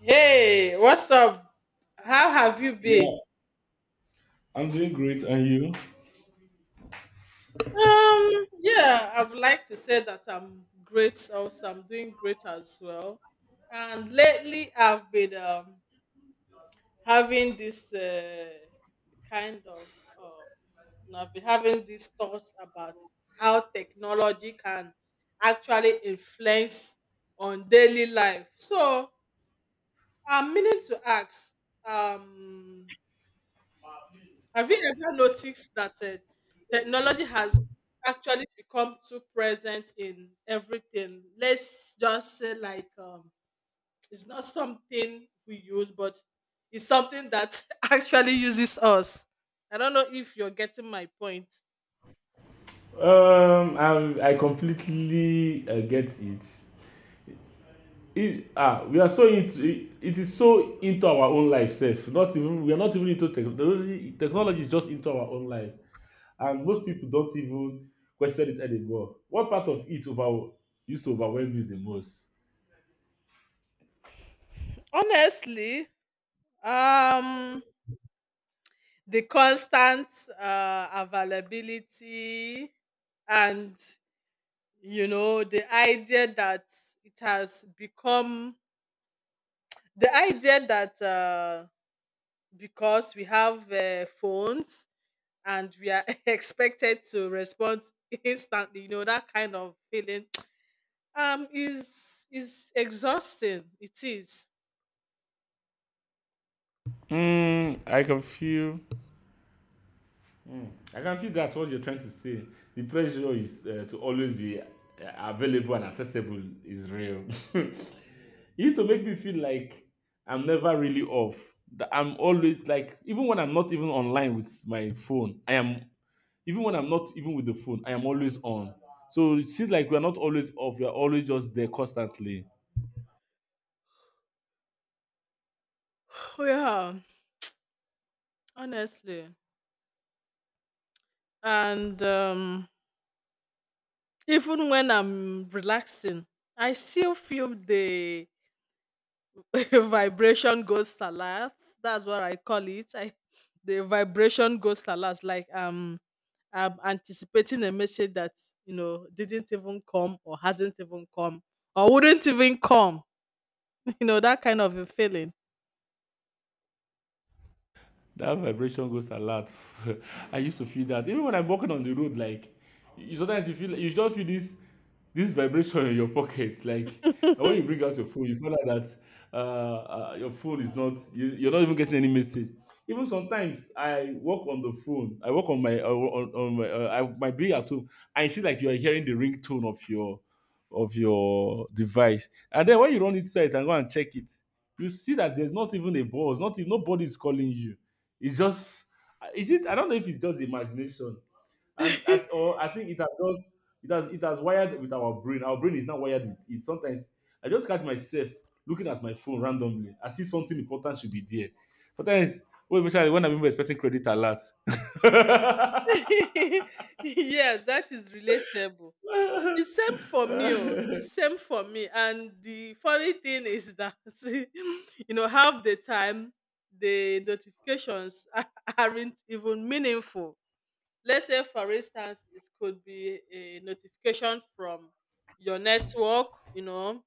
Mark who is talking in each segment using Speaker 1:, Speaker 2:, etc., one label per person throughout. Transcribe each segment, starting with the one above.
Speaker 1: Hey, what's up? How have you been?
Speaker 2: Yeah, I'm doing great. And you?
Speaker 1: Yeah, I would like to say that I'm great also. I'm doing great as well. And lately I've been having this kind of uh, I've been having these thoughts about how technology can actually influence on daily life. So I'm meaning to ask, um have you ever noticed that technology has actually become too present in everything? Let's just say, like, it's not something we use, but it's something that actually uses us. I don't know if you're getting my point.
Speaker 2: I completely get it. We are so into it, it is so into our own life self. Not even we are not even into technology. Technology is just into our own life, and most people don't even question it anymore. What part of it over used to overwhelm you the most?
Speaker 1: Honestly, um, the constant availability and the idea that it has become the idea that because we have phones and we are expected to respond instantly, that kind of feeling is exhausting. It is.
Speaker 2: I can feel, I can feel that's what you're trying to say. The pressure is to always be available and accessible is real. It used to make me feel like I'm never really off. That I'm always like, even when I'm not even online with my phone, I am, even when I'm not even with the phone, I am always on. So it seems like we're not always off, we're always just there constantly.
Speaker 1: Yeah, honestly. And even when I'm relaxing, I still feel the vibration goes alert. That's what I call it. I the vibration goes alert. Like I anticipating a message that, didn't even come or hasn't even come or wouldn't even come. You know, that kind of a feeling.
Speaker 2: That vibration goes a lot. I used to feel that even when I'm walking on the road, like you sometimes you feel you just feel this vibration in your pocket. Like, and when you bring out your phone, you find out that your phone is not you, you're not even getting any message. Even sometimes I walk on the phone. I walk on my on my my being at home. I see like you are hearing the ringtone of your device, and then when you run inside and go and check it, you see that there's not even a buzz. Not even- Nobody is calling you. It's just is it I don't know if it's just the imagination. And at or I think it has just — it has wired with our brain. Our brain is not wired with it. Sometimes I just catch myself looking at my phone randomly. I see something important should be there. Sometimes, well, especially when I'm even expecting credit alerts.
Speaker 1: Yes, that is relatable. It's same for me. Oh. It's same for me. And the funny thing is that half the time the notifications aren't even meaningful. Let's say, for instance, it could be a notification from your network, you know,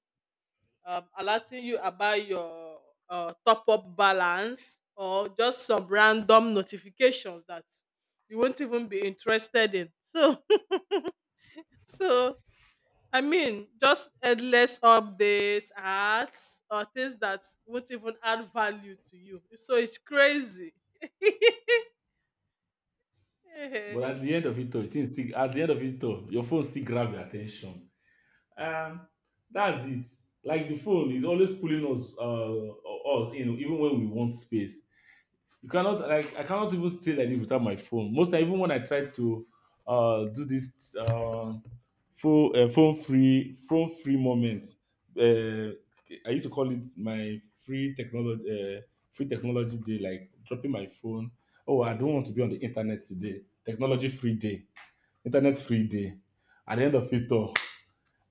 Speaker 1: um, alerting you about your top up balance or just some random notifications that you won't even be interested in. So, so I mean, just endless updates, ads, or things that won't even add value to you. So it's crazy.
Speaker 2: But
Speaker 1: Eh.
Speaker 2: at the end of it all, things still at the end of it all, your phone still grab your attention. Um, that's it. Like the phone is always pulling us in, even when we want space. You cannot like I cannot even stay like this without my phone. Most time, even when I try to do this phone free moment, uh, I used to call it my uh, free technology day. Like dropping my phone. Oh, I don't want to be on the internet today. Technology free day, internet free day. At the end of it all,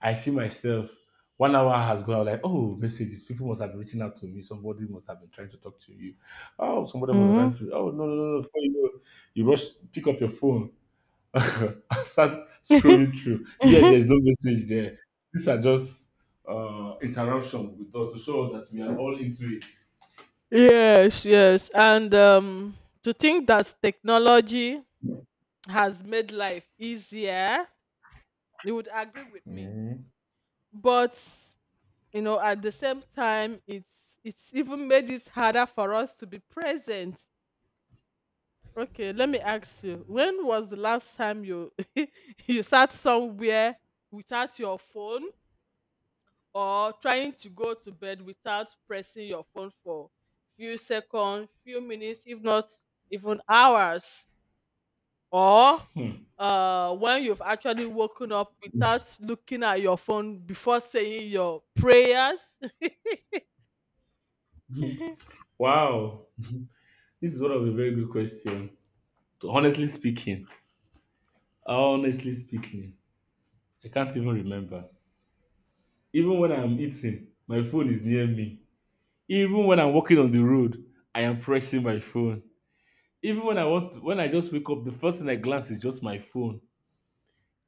Speaker 2: I see myself. 1 hour has gone. I'm like, oh, messages. People must have been reaching out to me. Somebody must have been trying to talk to you. Oh, somebody must have trying to. Oh, no, no, no, no. Before you know, you rush, pick up your phone, and start
Speaker 1: Mm-hmm.
Speaker 2: scrolling through. Yeah, there's no message there. These are just interruption with us to show us that we are all into it.
Speaker 1: Yes, yes. And to think that technology has made life easier, you would agree with me.
Speaker 2: Mhm.
Speaker 1: But at the same time, it's even made it harder for us to be present. Okay, let me ask you: when was the last time you you sat somewhere without your phone, or trying to go to bed without pressing your phone for few seconds, few minutes, if not even hours? Or when you've actually woken up without looking at your phone before saying your prayers.
Speaker 2: Wow, this is one of the very good question. To honestly speaking, Honestly speaking, I can't even remember. Even when I'm eating, my phone is near me. Even when I'm walking on the road, I am pressing my phone. Even when I want to, when I just wake up, the first thing I glance is just my phone.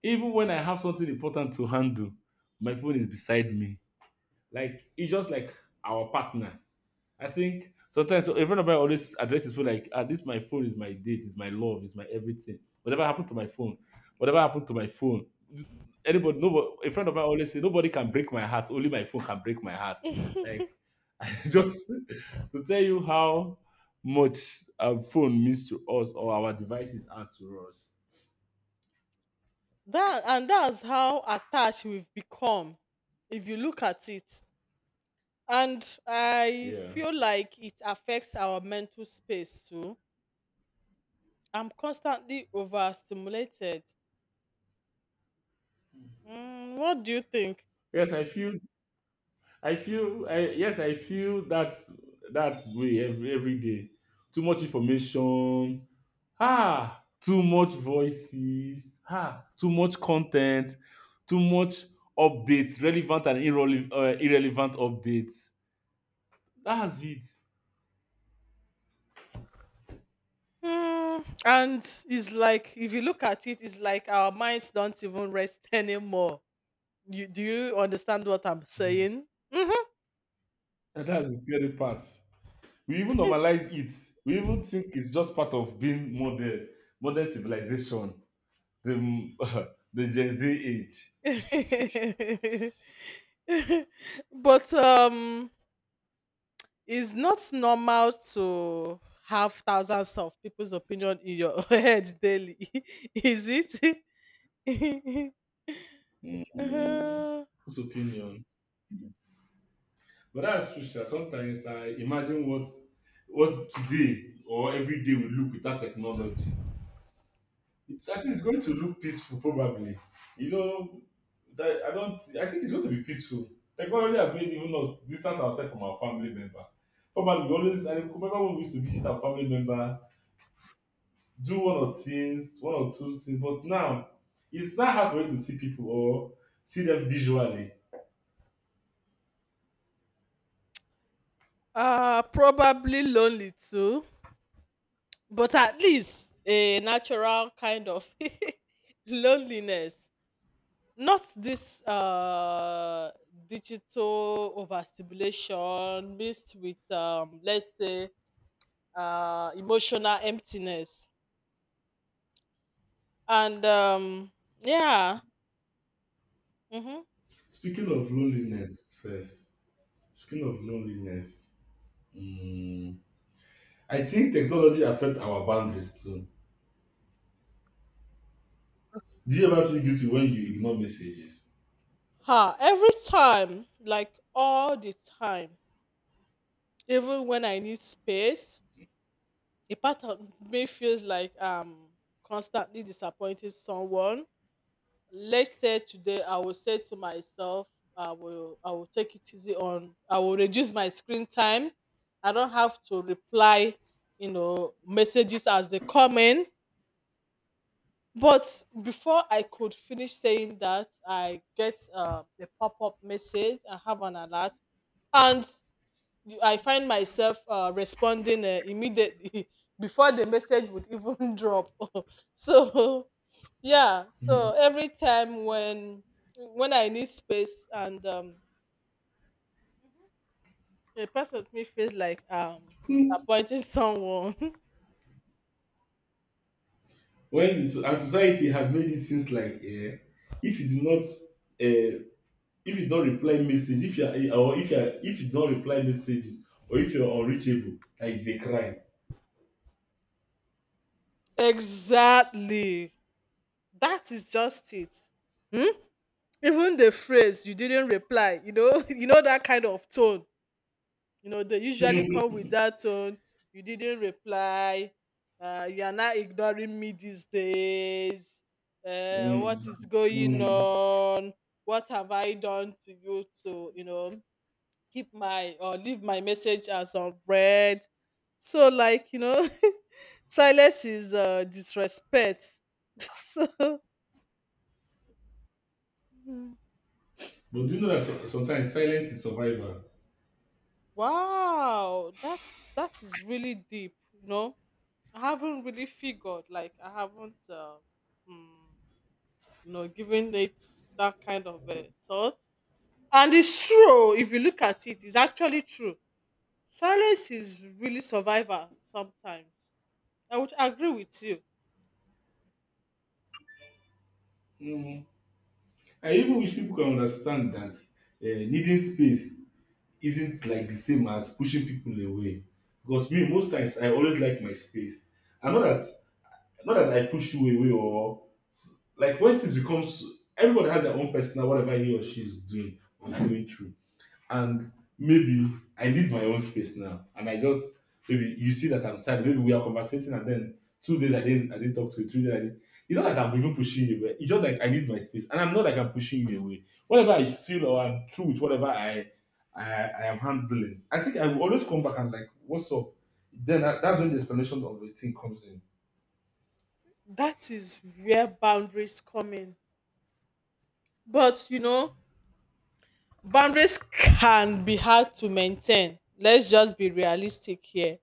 Speaker 2: Even when I have something important to handle, my phone is beside me. Like it's just like our partner. I think sometimes a friend of mine always address his phone like, ah, this my phone is my date, is my love, is my everything. Whatever happened to my phone, whatever happened to my phone. Anybody, nobody. A friend of mine always say, nobody can break my heart. Only my phone can break my heart. Like, I just to tell you how much a phone means to us or our devices are to us.
Speaker 1: that and that's how attached we've become if you look at it. And I
Speaker 2: Yeah.
Speaker 1: feel like it affects our mental space too. I'm constantly overstimulated. Mm, what do you think?
Speaker 2: Yes, I feel. Yes, I feel that's that way every day. Too much information. Too much voices, too much content, too much updates, relevant and irrelevant updates. That's it.
Speaker 1: Mm, and it's like if you look at it, it's like our minds don't even rest anymore. You do you understand what I'm saying? Hmm.
Speaker 2: And that's the scary part. We even normalize it. We even think it's just part of being modern, modern civilization, the the Gen Z age.
Speaker 1: But it's not normal to have thousands of people's opinion in your head daily, is it?
Speaker 2: Mm,
Speaker 1: uh,
Speaker 2: Whose opinion? But that's true, sha. Sometimes I imagine what today or every day will look without technology. It's I think it's going to look peaceful probably. You know, that I don't I think it's going to be peaceful. Technology has made even us distance ourselves from our family member. Formerly we always I remember when we used to visit our family member, do one or two things, but now it's not hard for you to see people or see them visually.
Speaker 1: probably lonely too, but at least a natural kind of loneliness, not this digital overstimulation mixed with let's say emotional emptiness and yeah. Mhm.
Speaker 2: Speaking of loneliness first. Speaking of loneliness, Mm, I think technology affects our boundaries too. Do you ever feel guilty when you ignore messages?
Speaker 1: Ah, every time, like all the time, even when I need space, a part of me feels like I'm constantly disappointing someone. Let's say today I will say to myself I will take it easy on, I will reduce my screen time. I don't have to reply messages as they come in. But before I could finish saying that I get a pop-up message, I have an alert, and I find myself responding immediately before the message would even drop. So, yeah,
Speaker 2: Mhm.
Speaker 1: so every time when I need space and a person to me feels like
Speaker 2: Hmm.
Speaker 1: disappointing someone.
Speaker 2: Our society has made it seems like if you do not if you don't reply message, if you are eh, or if you are, if you don't reply messages or if you are unreachable, that is a crime.
Speaker 1: Exactly, that is just it. Hmm? Even the phrase "you didn't reply", that kind of tone, they usually
Speaker 2: Hmm.
Speaker 1: come with that tone. "You didn't reply, you are not ignoring me these days, what
Speaker 2: Mm.
Speaker 1: is going
Speaker 2: Mm.
Speaker 1: on? What have I done to you to keep my or leave my message as unread?" So, like, silence is disrespect, so.
Speaker 2: But do you know that sometimes silence is survival?
Speaker 1: Wow, that is really deep. You know, I haven't really figured. Like, I haven't, mm, given it that kind of thought. And it's true. If you look at it, it's actually true. Silence is really survival sometimes. I would agree with you.
Speaker 2: Mm. I even wish people can understand that needing space isn't like the same as pushing people away. Because me, most times I always like my space. And not that I push you away or like when things becomes everybody has their own personal whatever he or she is doing or going through and maybe I need my own space now. And I just maybe you see that I'm sad. Maybe we are conversating, and then 2 days I didn't talk to you. 3 days I didn't. It's not like I'm even pushing you, but it's just like I need my space, and I'm not like I'm pushing you away. Whatever I feel or I'm through with whatever I am handling, I think I will always come back and like, what's up? Then that's when the explanation of the thing comes in.
Speaker 1: That is where boundaries come in. But boundaries can be hard to maintain. Let's just be realistic here.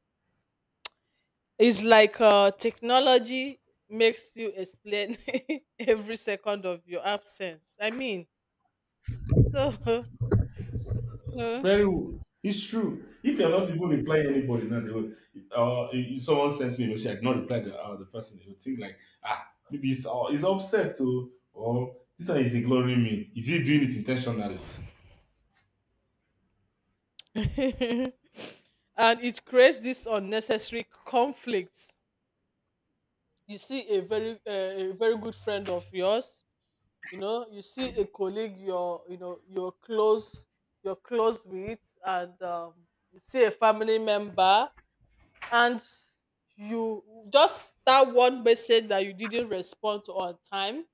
Speaker 1: It's like technology makes you explain every second of your absence. I mean, so. No.
Speaker 2: It's true. If you're not even replying anybody now, they will. If someone sends me a message, I did not reply the person. They would think like, ah, maybe he's upset too, or this one is ignoring me. Is he doing it intentionally?
Speaker 1: And it creates this unnecessary conflict. You see a very good friend of yours, you see a colleague you're you know you're close with, and you see a family member, and you just that one message that you didn't respond to on time,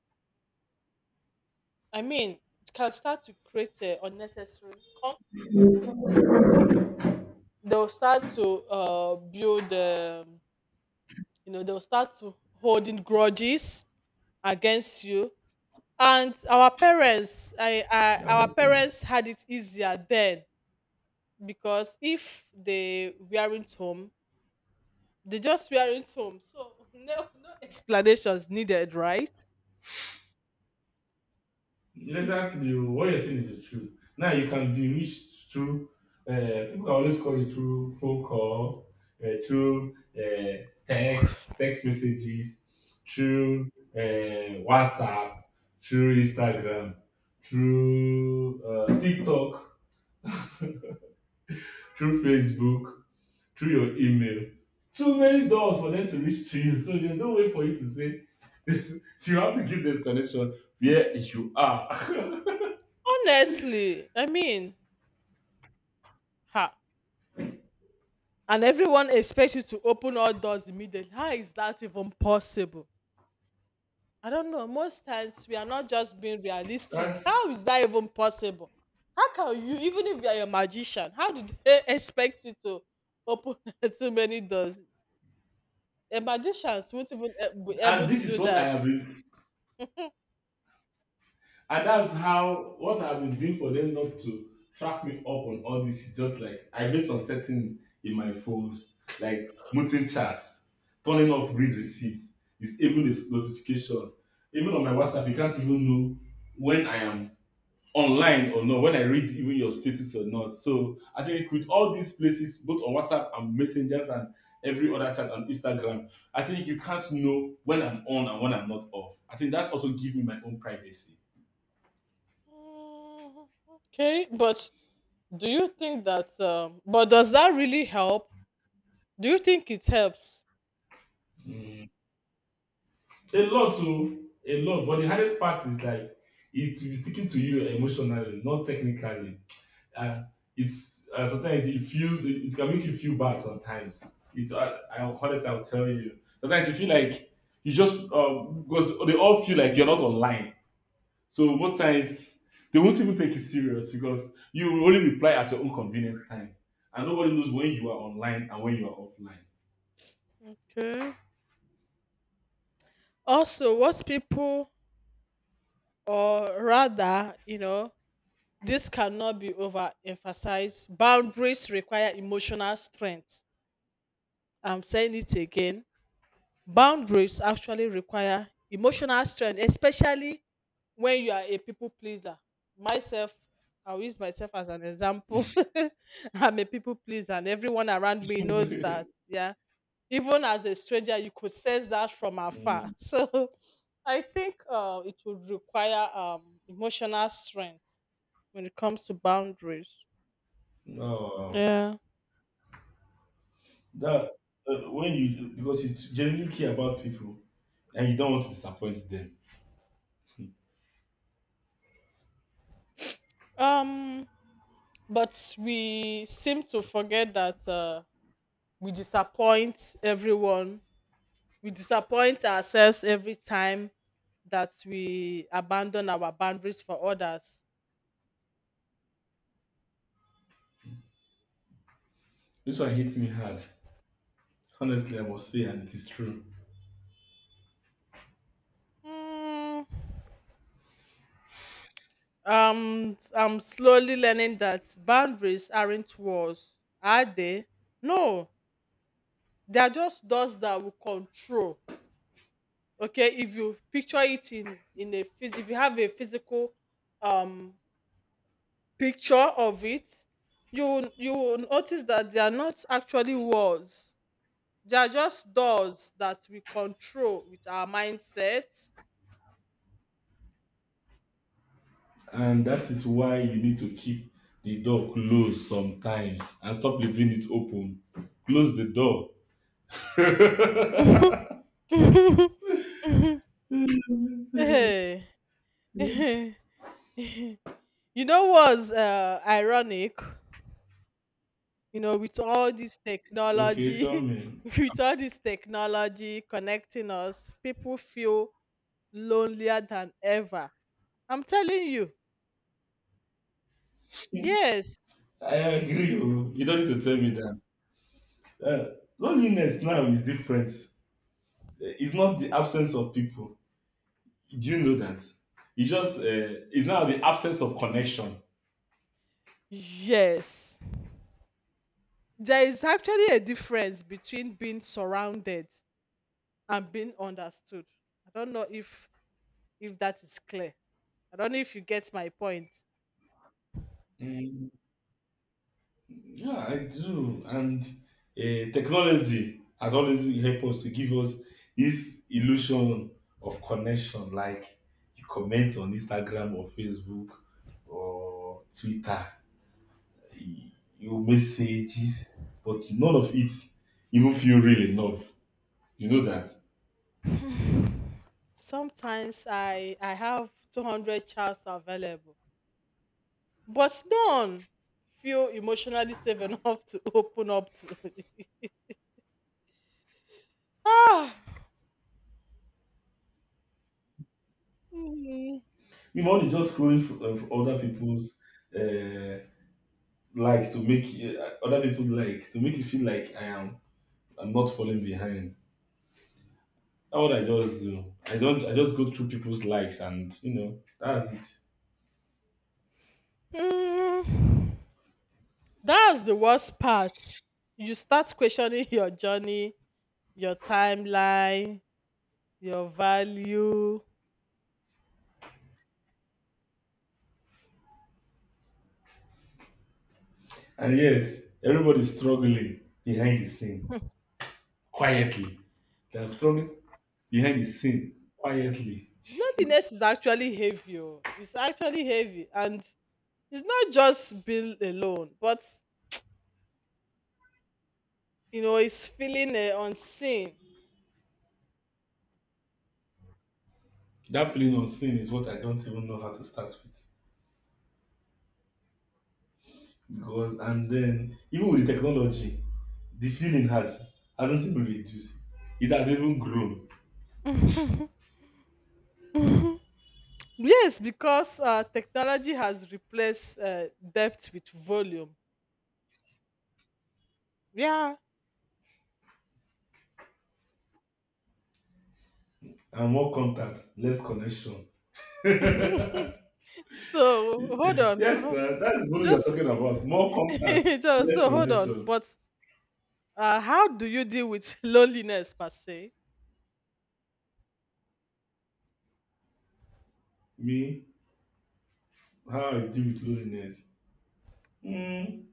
Speaker 1: I mean, it can start to create unnecessary conflict. They'll start to build, they'll start to holding grudges against you. And our parents, I, I,
Speaker 2: You
Speaker 1: our
Speaker 2: understand?
Speaker 1: parents had it easier then, because if they weren't home, they just weren't home. So no, no explanations needed, right?
Speaker 2: Exactly. Oh, what you're saying is the truth. Now you can be reached through, uh, people can always call you through phone call, through text messages, through WhatsApp, through Instagram, through TikTok, through Facebook, through your email. Too many doors for them to reach to you. So there's no way for you to say this. You have to give the explanation where you are.
Speaker 1: Honestly, I mean, ha. And everyone expects you to open all doors immediately. How is that even possible? I don't know. Most times we are not just being realistic. How is that even possible? How can you, even if you are a magician, how do they expect you to open so many doors? A magicians won't even be able
Speaker 2: And
Speaker 1: to
Speaker 2: this
Speaker 1: do
Speaker 2: is what I
Speaker 1: that.
Speaker 2: have been, and that's how what I've been doing for them not to track me up on all this. Is just like I made some setting in my phones, like muting chats, turning off read receipts, disabling this notification. Even on my WhatsApp, you can't even know when I am online or not, when I read even your status or not. So I think with all these places, both on WhatsApp and messengers and every other chat and Instagram, I think you can't know when I'm on and when I'm not off. I think that also gives me my own privacy.
Speaker 1: Mm, okay, but do you think that? But does that really help? Do you think it helps?
Speaker 2: Mm. A lot to a lot, but the hardest part is like it will be sticking to you emotionally, not technically. Uh, it's Sometimes you feel it can make you feel bad sometimes. I honestly I'll tell you sometimes you feel like you just because they all feel like you're not online. So most times they won't even take you serious because you will only reply at your own convenience time, and nobody knows when you are online and when you are offline.
Speaker 1: Okay. Also, what people, or rather, this cannot be overemphasized. Boundaries require emotional strength. I'm saying it again. Boundaries actually require emotional strength, especially when you are a people pleaser. Myself, I'll use myself as an example. I'm a people pleaser, and everyone around me knows that. Yeah. Even as a stranger, you could sense that from afar.
Speaker 2: Mm,
Speaker 1: So I think it would require emotional strength when it comes to boundaries.
Speaker 2: no,
Speaker 1: Yeah.
Speaker 2: that when you because you genuinely care about people and you don't want to disappoint them.
Speaker 1: Um, but we seem to forget that we disappoint everyone. We disappoint ourselves every time that we abandon our boundaries for others.
Speaker 2: This one hits me hard. Honestly, I must say, and it is true.
Speaker 1: Mm, I'm slowly learning that boundaries aren't walls, are they? No, they are just doors that will control. Okay, if you picture it in if you have a physical um picture of it, you will notice that they are not actually walls. They are just doors that we control with our mindset.
Speaker 2: And that is why you need to keep the door closed sometimes and stop leaving it open. Close the door.
Speaker 1: Hey. You know what's ironic? You know, with all this
Speaker 2: Okay,
Speaker 1: technology,
Speaker 2: tell me.
Speaker 1: with all this technology connecting us, people feel lonelier than ever. I'm telling you. Yes.
Speaker 2: I agree. Oh, you don't need to tell me that. Uh, loneliness now is different. It's not the absence of people. Do you know that? It's just it's now the absence of connection.
Speaker 1: Yes. There is actually a difference between being surrounded and being understood. I don't know if that is clear. I don't know if you get my point.
Speaker 2: Yeah, I do. And technology has always helped us to give us this illusion of connection. Like you comment on Instagram or Facebook or Twitter, y- you messages, but none of it even feel real enough. You know that.
Speaker 1: Sometimes I have 200 chats available, but none feel emotionally safe enough to open up to. Ah, mm,
Speaker 2: Even when you know, you're just scrolling for other people's uh, likes to make other people like to make you feel like I am. I'm not falling behind. That's what I just do. I don't. I just go through people's likes, and you know that's it.
Speaker 1: mm. that's the worst part. You start questioning your journey, your timeline, your value.
Speaker 2: And yet, everybody's struggling behind the scene
Speaker 1: Eh,
Speaker 2: quietly. They're struggling behind the scene quietly.
Speaker 1: loneliness is actually heavy. Oh. It's actually heavy, and it's not just being alone, but it's feeling unseen.
Speaker 2: That feeling of sin is what I don't even know how to start with. Because and then even with technology, the feeling hasn't even reduced. It has even grown.
Speaker 1: Mhm, mhm. Yes, because technology has replaced depth with volume. Yeah.
Speaker 2: And more contacts, less connection.
Speaker 1: So hold on.
Speaker 2: Yes,
Speaker 1: Oh,
Speaker 2: sir, that is what you're
Speaker 1: just
Speaker 2: talking about. More contacts,
Speaker 1: just
Speaker 2: less
Speaker 1: so hold on.
Speaker 2: connection.
Speaker 1: But how do you deal with loneliness per se?
Speaker 2: Me, how I deal with loneliness. Mm,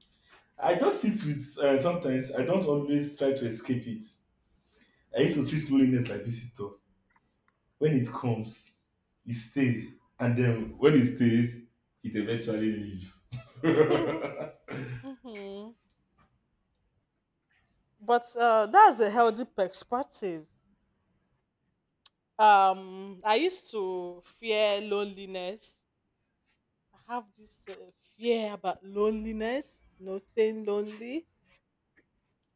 Speaker 2: I just sit with sometimes I don't always try to escape it. I used to treat loneliness like visitor. When it comes, it stays, and then when it stays, it eventually leaves.
Speaker 1: Mhm. But that's a healthy perspective. I used to fear loneliness. I have this fear about loneliness, staying lonely.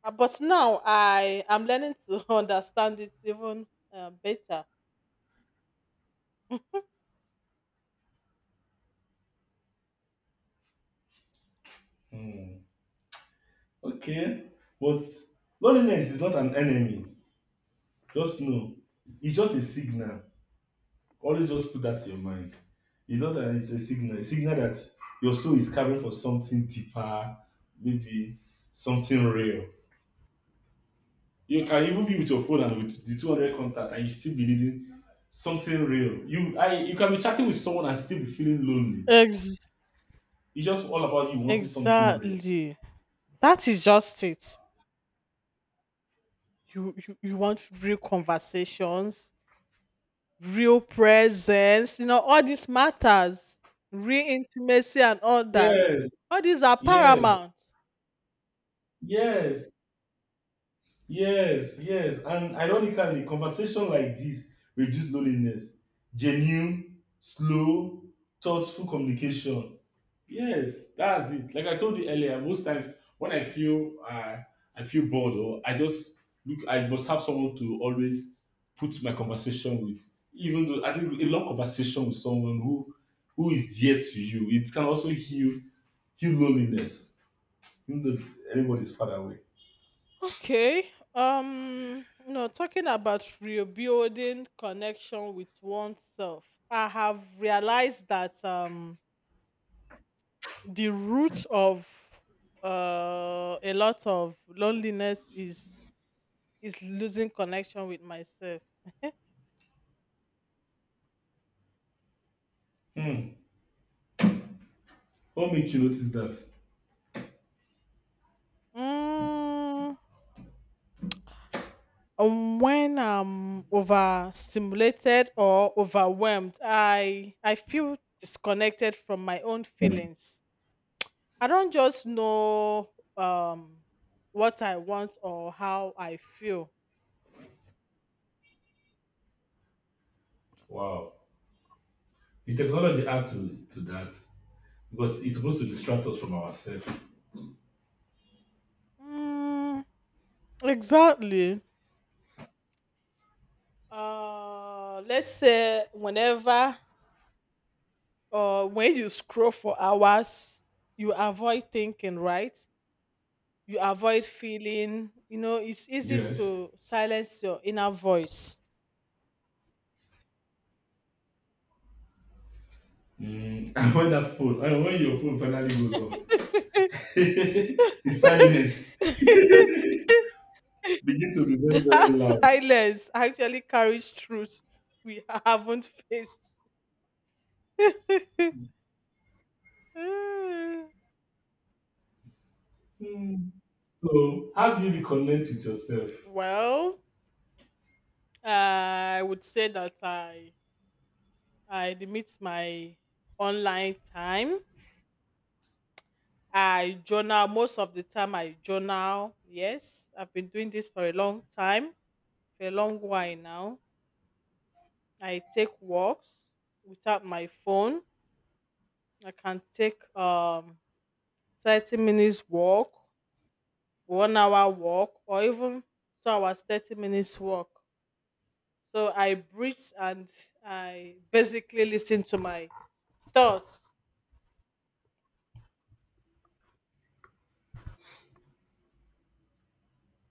Speaker 1: But now I am learning to understand it even better.
Speaker 2: Mm, okay, but loneliness is not an enemy. Just know it's just a signal. Always just put that in your mind. It's not an it's a signal. A signal that your soul is carving for something deeper, maybe something real. You can even be with your phone and with the 200 contact and you still be needing something real. You can be chatting with someone and still be feeling lonely.
Speaker 1: Ex-
Speaker 2: It's just all about you wanting something real.
Speaker 1: exactly that is just it. You want real conversations, real presence, all these matters, real intimacy and all that.
Speaker 2: Yes,
Speaker 1: All these are
Speaker 2: yes,
Speaker 1: paramount.
Speaker 2: yes, yes, yes. And ironically, conversation like this reduce loneliness. Genuine, slow, thoughtful communication. Yes, that's it. Like I told you earlier, most times when I feel bored or I just look, I must have someone to always put my conversation with. Even though I think a long conversation with someone who is dear to you, it can also heal loneliness. Even though everybody's far away.
Speaker 1: Okay. Talking about rebuilding connection with oneself, I have realized that the root of a lot of loneliness is losing connection with myself.
Speaker 2: Hmm. What makes you notice that?
Speaker 1: Mm, when I'm overstimulated or overwhelmed, I feel disconnected from my own feelings. I don't just know um what I want or how I feel.
Speaker 2: Wow, the technology add to that because it's supposed to distract us from ourselves.
Speaker 1: Mm, exactly. Let's say whenever or when you scroll for hours, you avoid thinking, right? You avoid feeling. You know, it's easy
Speaker 2: Yes.
Speaker 1: to silence your inner voice.
Speaker 2: Mm. And when your phone finally goes off, the silence begin to be very, very
Speaker 1: That
Speaker 2: loud.
Speaker 1: silence actually carries truth we haven't faced.
Speaker 2: Hmm. So, how do you reconnect with yourself?
Speaker 1: Well, I would say that I limit my online time. I journal most of the time. I journal. Yes, I've been doing this for a long time, for a long while now. I take walks without my phone. I can take 30 minutes walk, 1 hour walk, or even 2 hours 30 minutes walk. So I breathe and I basically listen to my thoughts.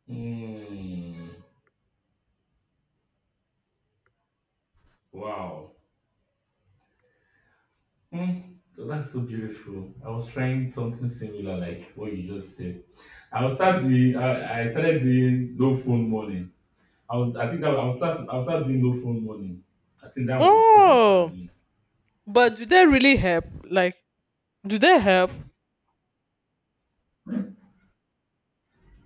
Speaker 2: Mm, wow. Mm, so that's so beautiful. I was trying something similar, like what you just said. I started doing no phone morning. I was. I think that I will start. I will start doing no phone morning. I think that was what I'll start
Speaker 1: Oh,
Speaker 2: doing.
Speaker 1: but do they really help? Like, do they help?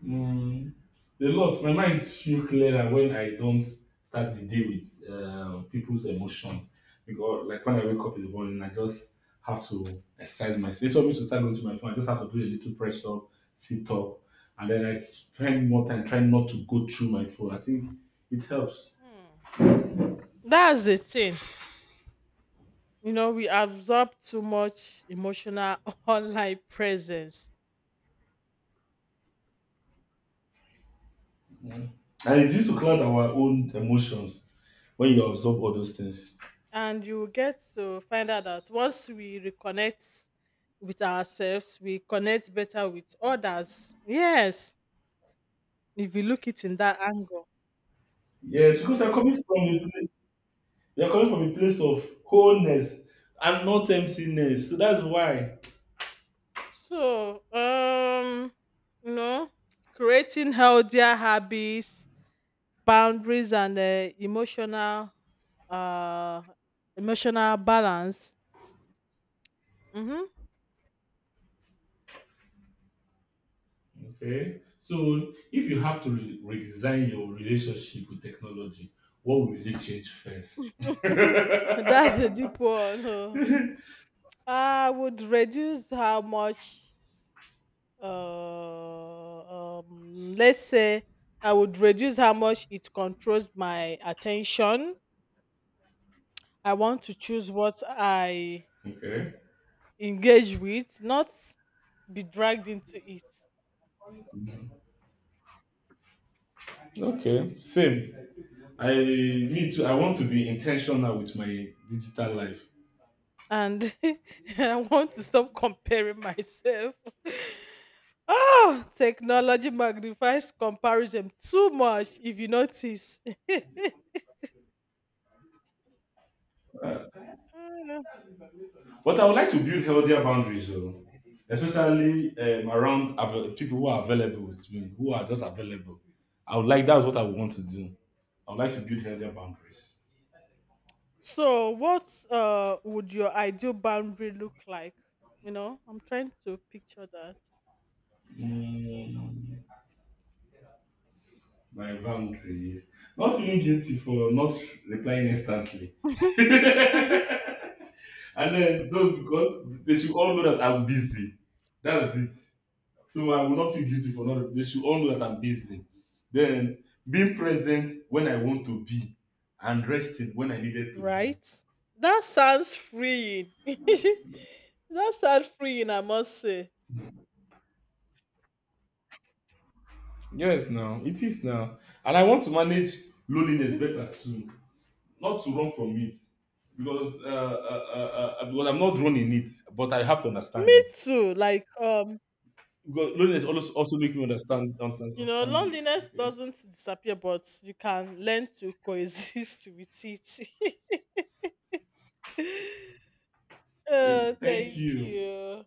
Speaker 2: Mm, a lot. My mind feel clearer when I don't start the day with people's emotion. Because like when I wake up in the morning, I just have to exercise myself. Instead of me to start going to my phone, I just have to do a little press up, sit up, and then I spend more time trying not to go through my phone. I think it helps.
Speaker 1: That's the thing. You know, we absorb too much emotional online presence,
Speaker 2: And it used to cloud our own emotions when you absorb all those things.
Speaker 1: and you will get to find out that once we reconnect with ourselves, we connect better with others. Yes, if you look it in that angle.
Speaker 2: Yes, because I'm coming from you're coming from a place of wholeness and not emptiness. So that's why.
Speaker 1: So, you know, creating healthier habits, boundaries, and uh, emotional balance. Mm-hmm.
Speaker 2: Okay. So if you have to redesign your relationship with technology, what will you change first?
Speaker 1: That's a deep one. Oh. I would reduce how much. Let's say I would reduce how much it controls my attention. I want to choose what I
Speaker 2: Okay.
Speaker 1: engage with, not be dragged into it.
Speaker 2: Okay. Same. I need to. I want to be intentional with my digital life,
Speaker 1: And I want to stop comparing myself. Oh, technology magnifies comparison too much if you notice. Mm.
Speaker 2: but I would like to build healthier boundaries, though, especially around people who are available with me, who are just available. I would like. That's what I would want to do. I would like to build healthier boundaries.
Speaker 1: So, what would your ideal boundary look like? You know, I'm trying to picture
Speaker 2: Mm, my boundaries. Not feeling guilty for not replying instantly.
Speaker 1: that.
Speaker 2: And then those because they should all know that I'm busy. That's it. So I will not feel guilty for not they should all know that I'm busy. Then being present when I want to be and resting when I needed to be.
Speaker 1: Right? That sounds freeing. That sounds freeing, I must say.
Speaker 2: Yes now, it is now. And I want to manage loneliness better too. Not to run from it. Because I'm not running it, but I have to understand
Speaker 1: Me
Speaker 2: it.
Speaker 1: too. Like,
Speaker 2: Because loneliness also make me understand,
Speaker 1: you know,
Speaker 2: understand it.
Speaker 1: loneliness
Speaker 2: Okay.
Speaker 1: doesn't disappear, but you can learn to coexist with it.
Speaker 2: Eh,
Speaker 1: Oh,
Speaker 2: thank
Speaker 1: thank
Speaker 2: you.
Speaker 1: you.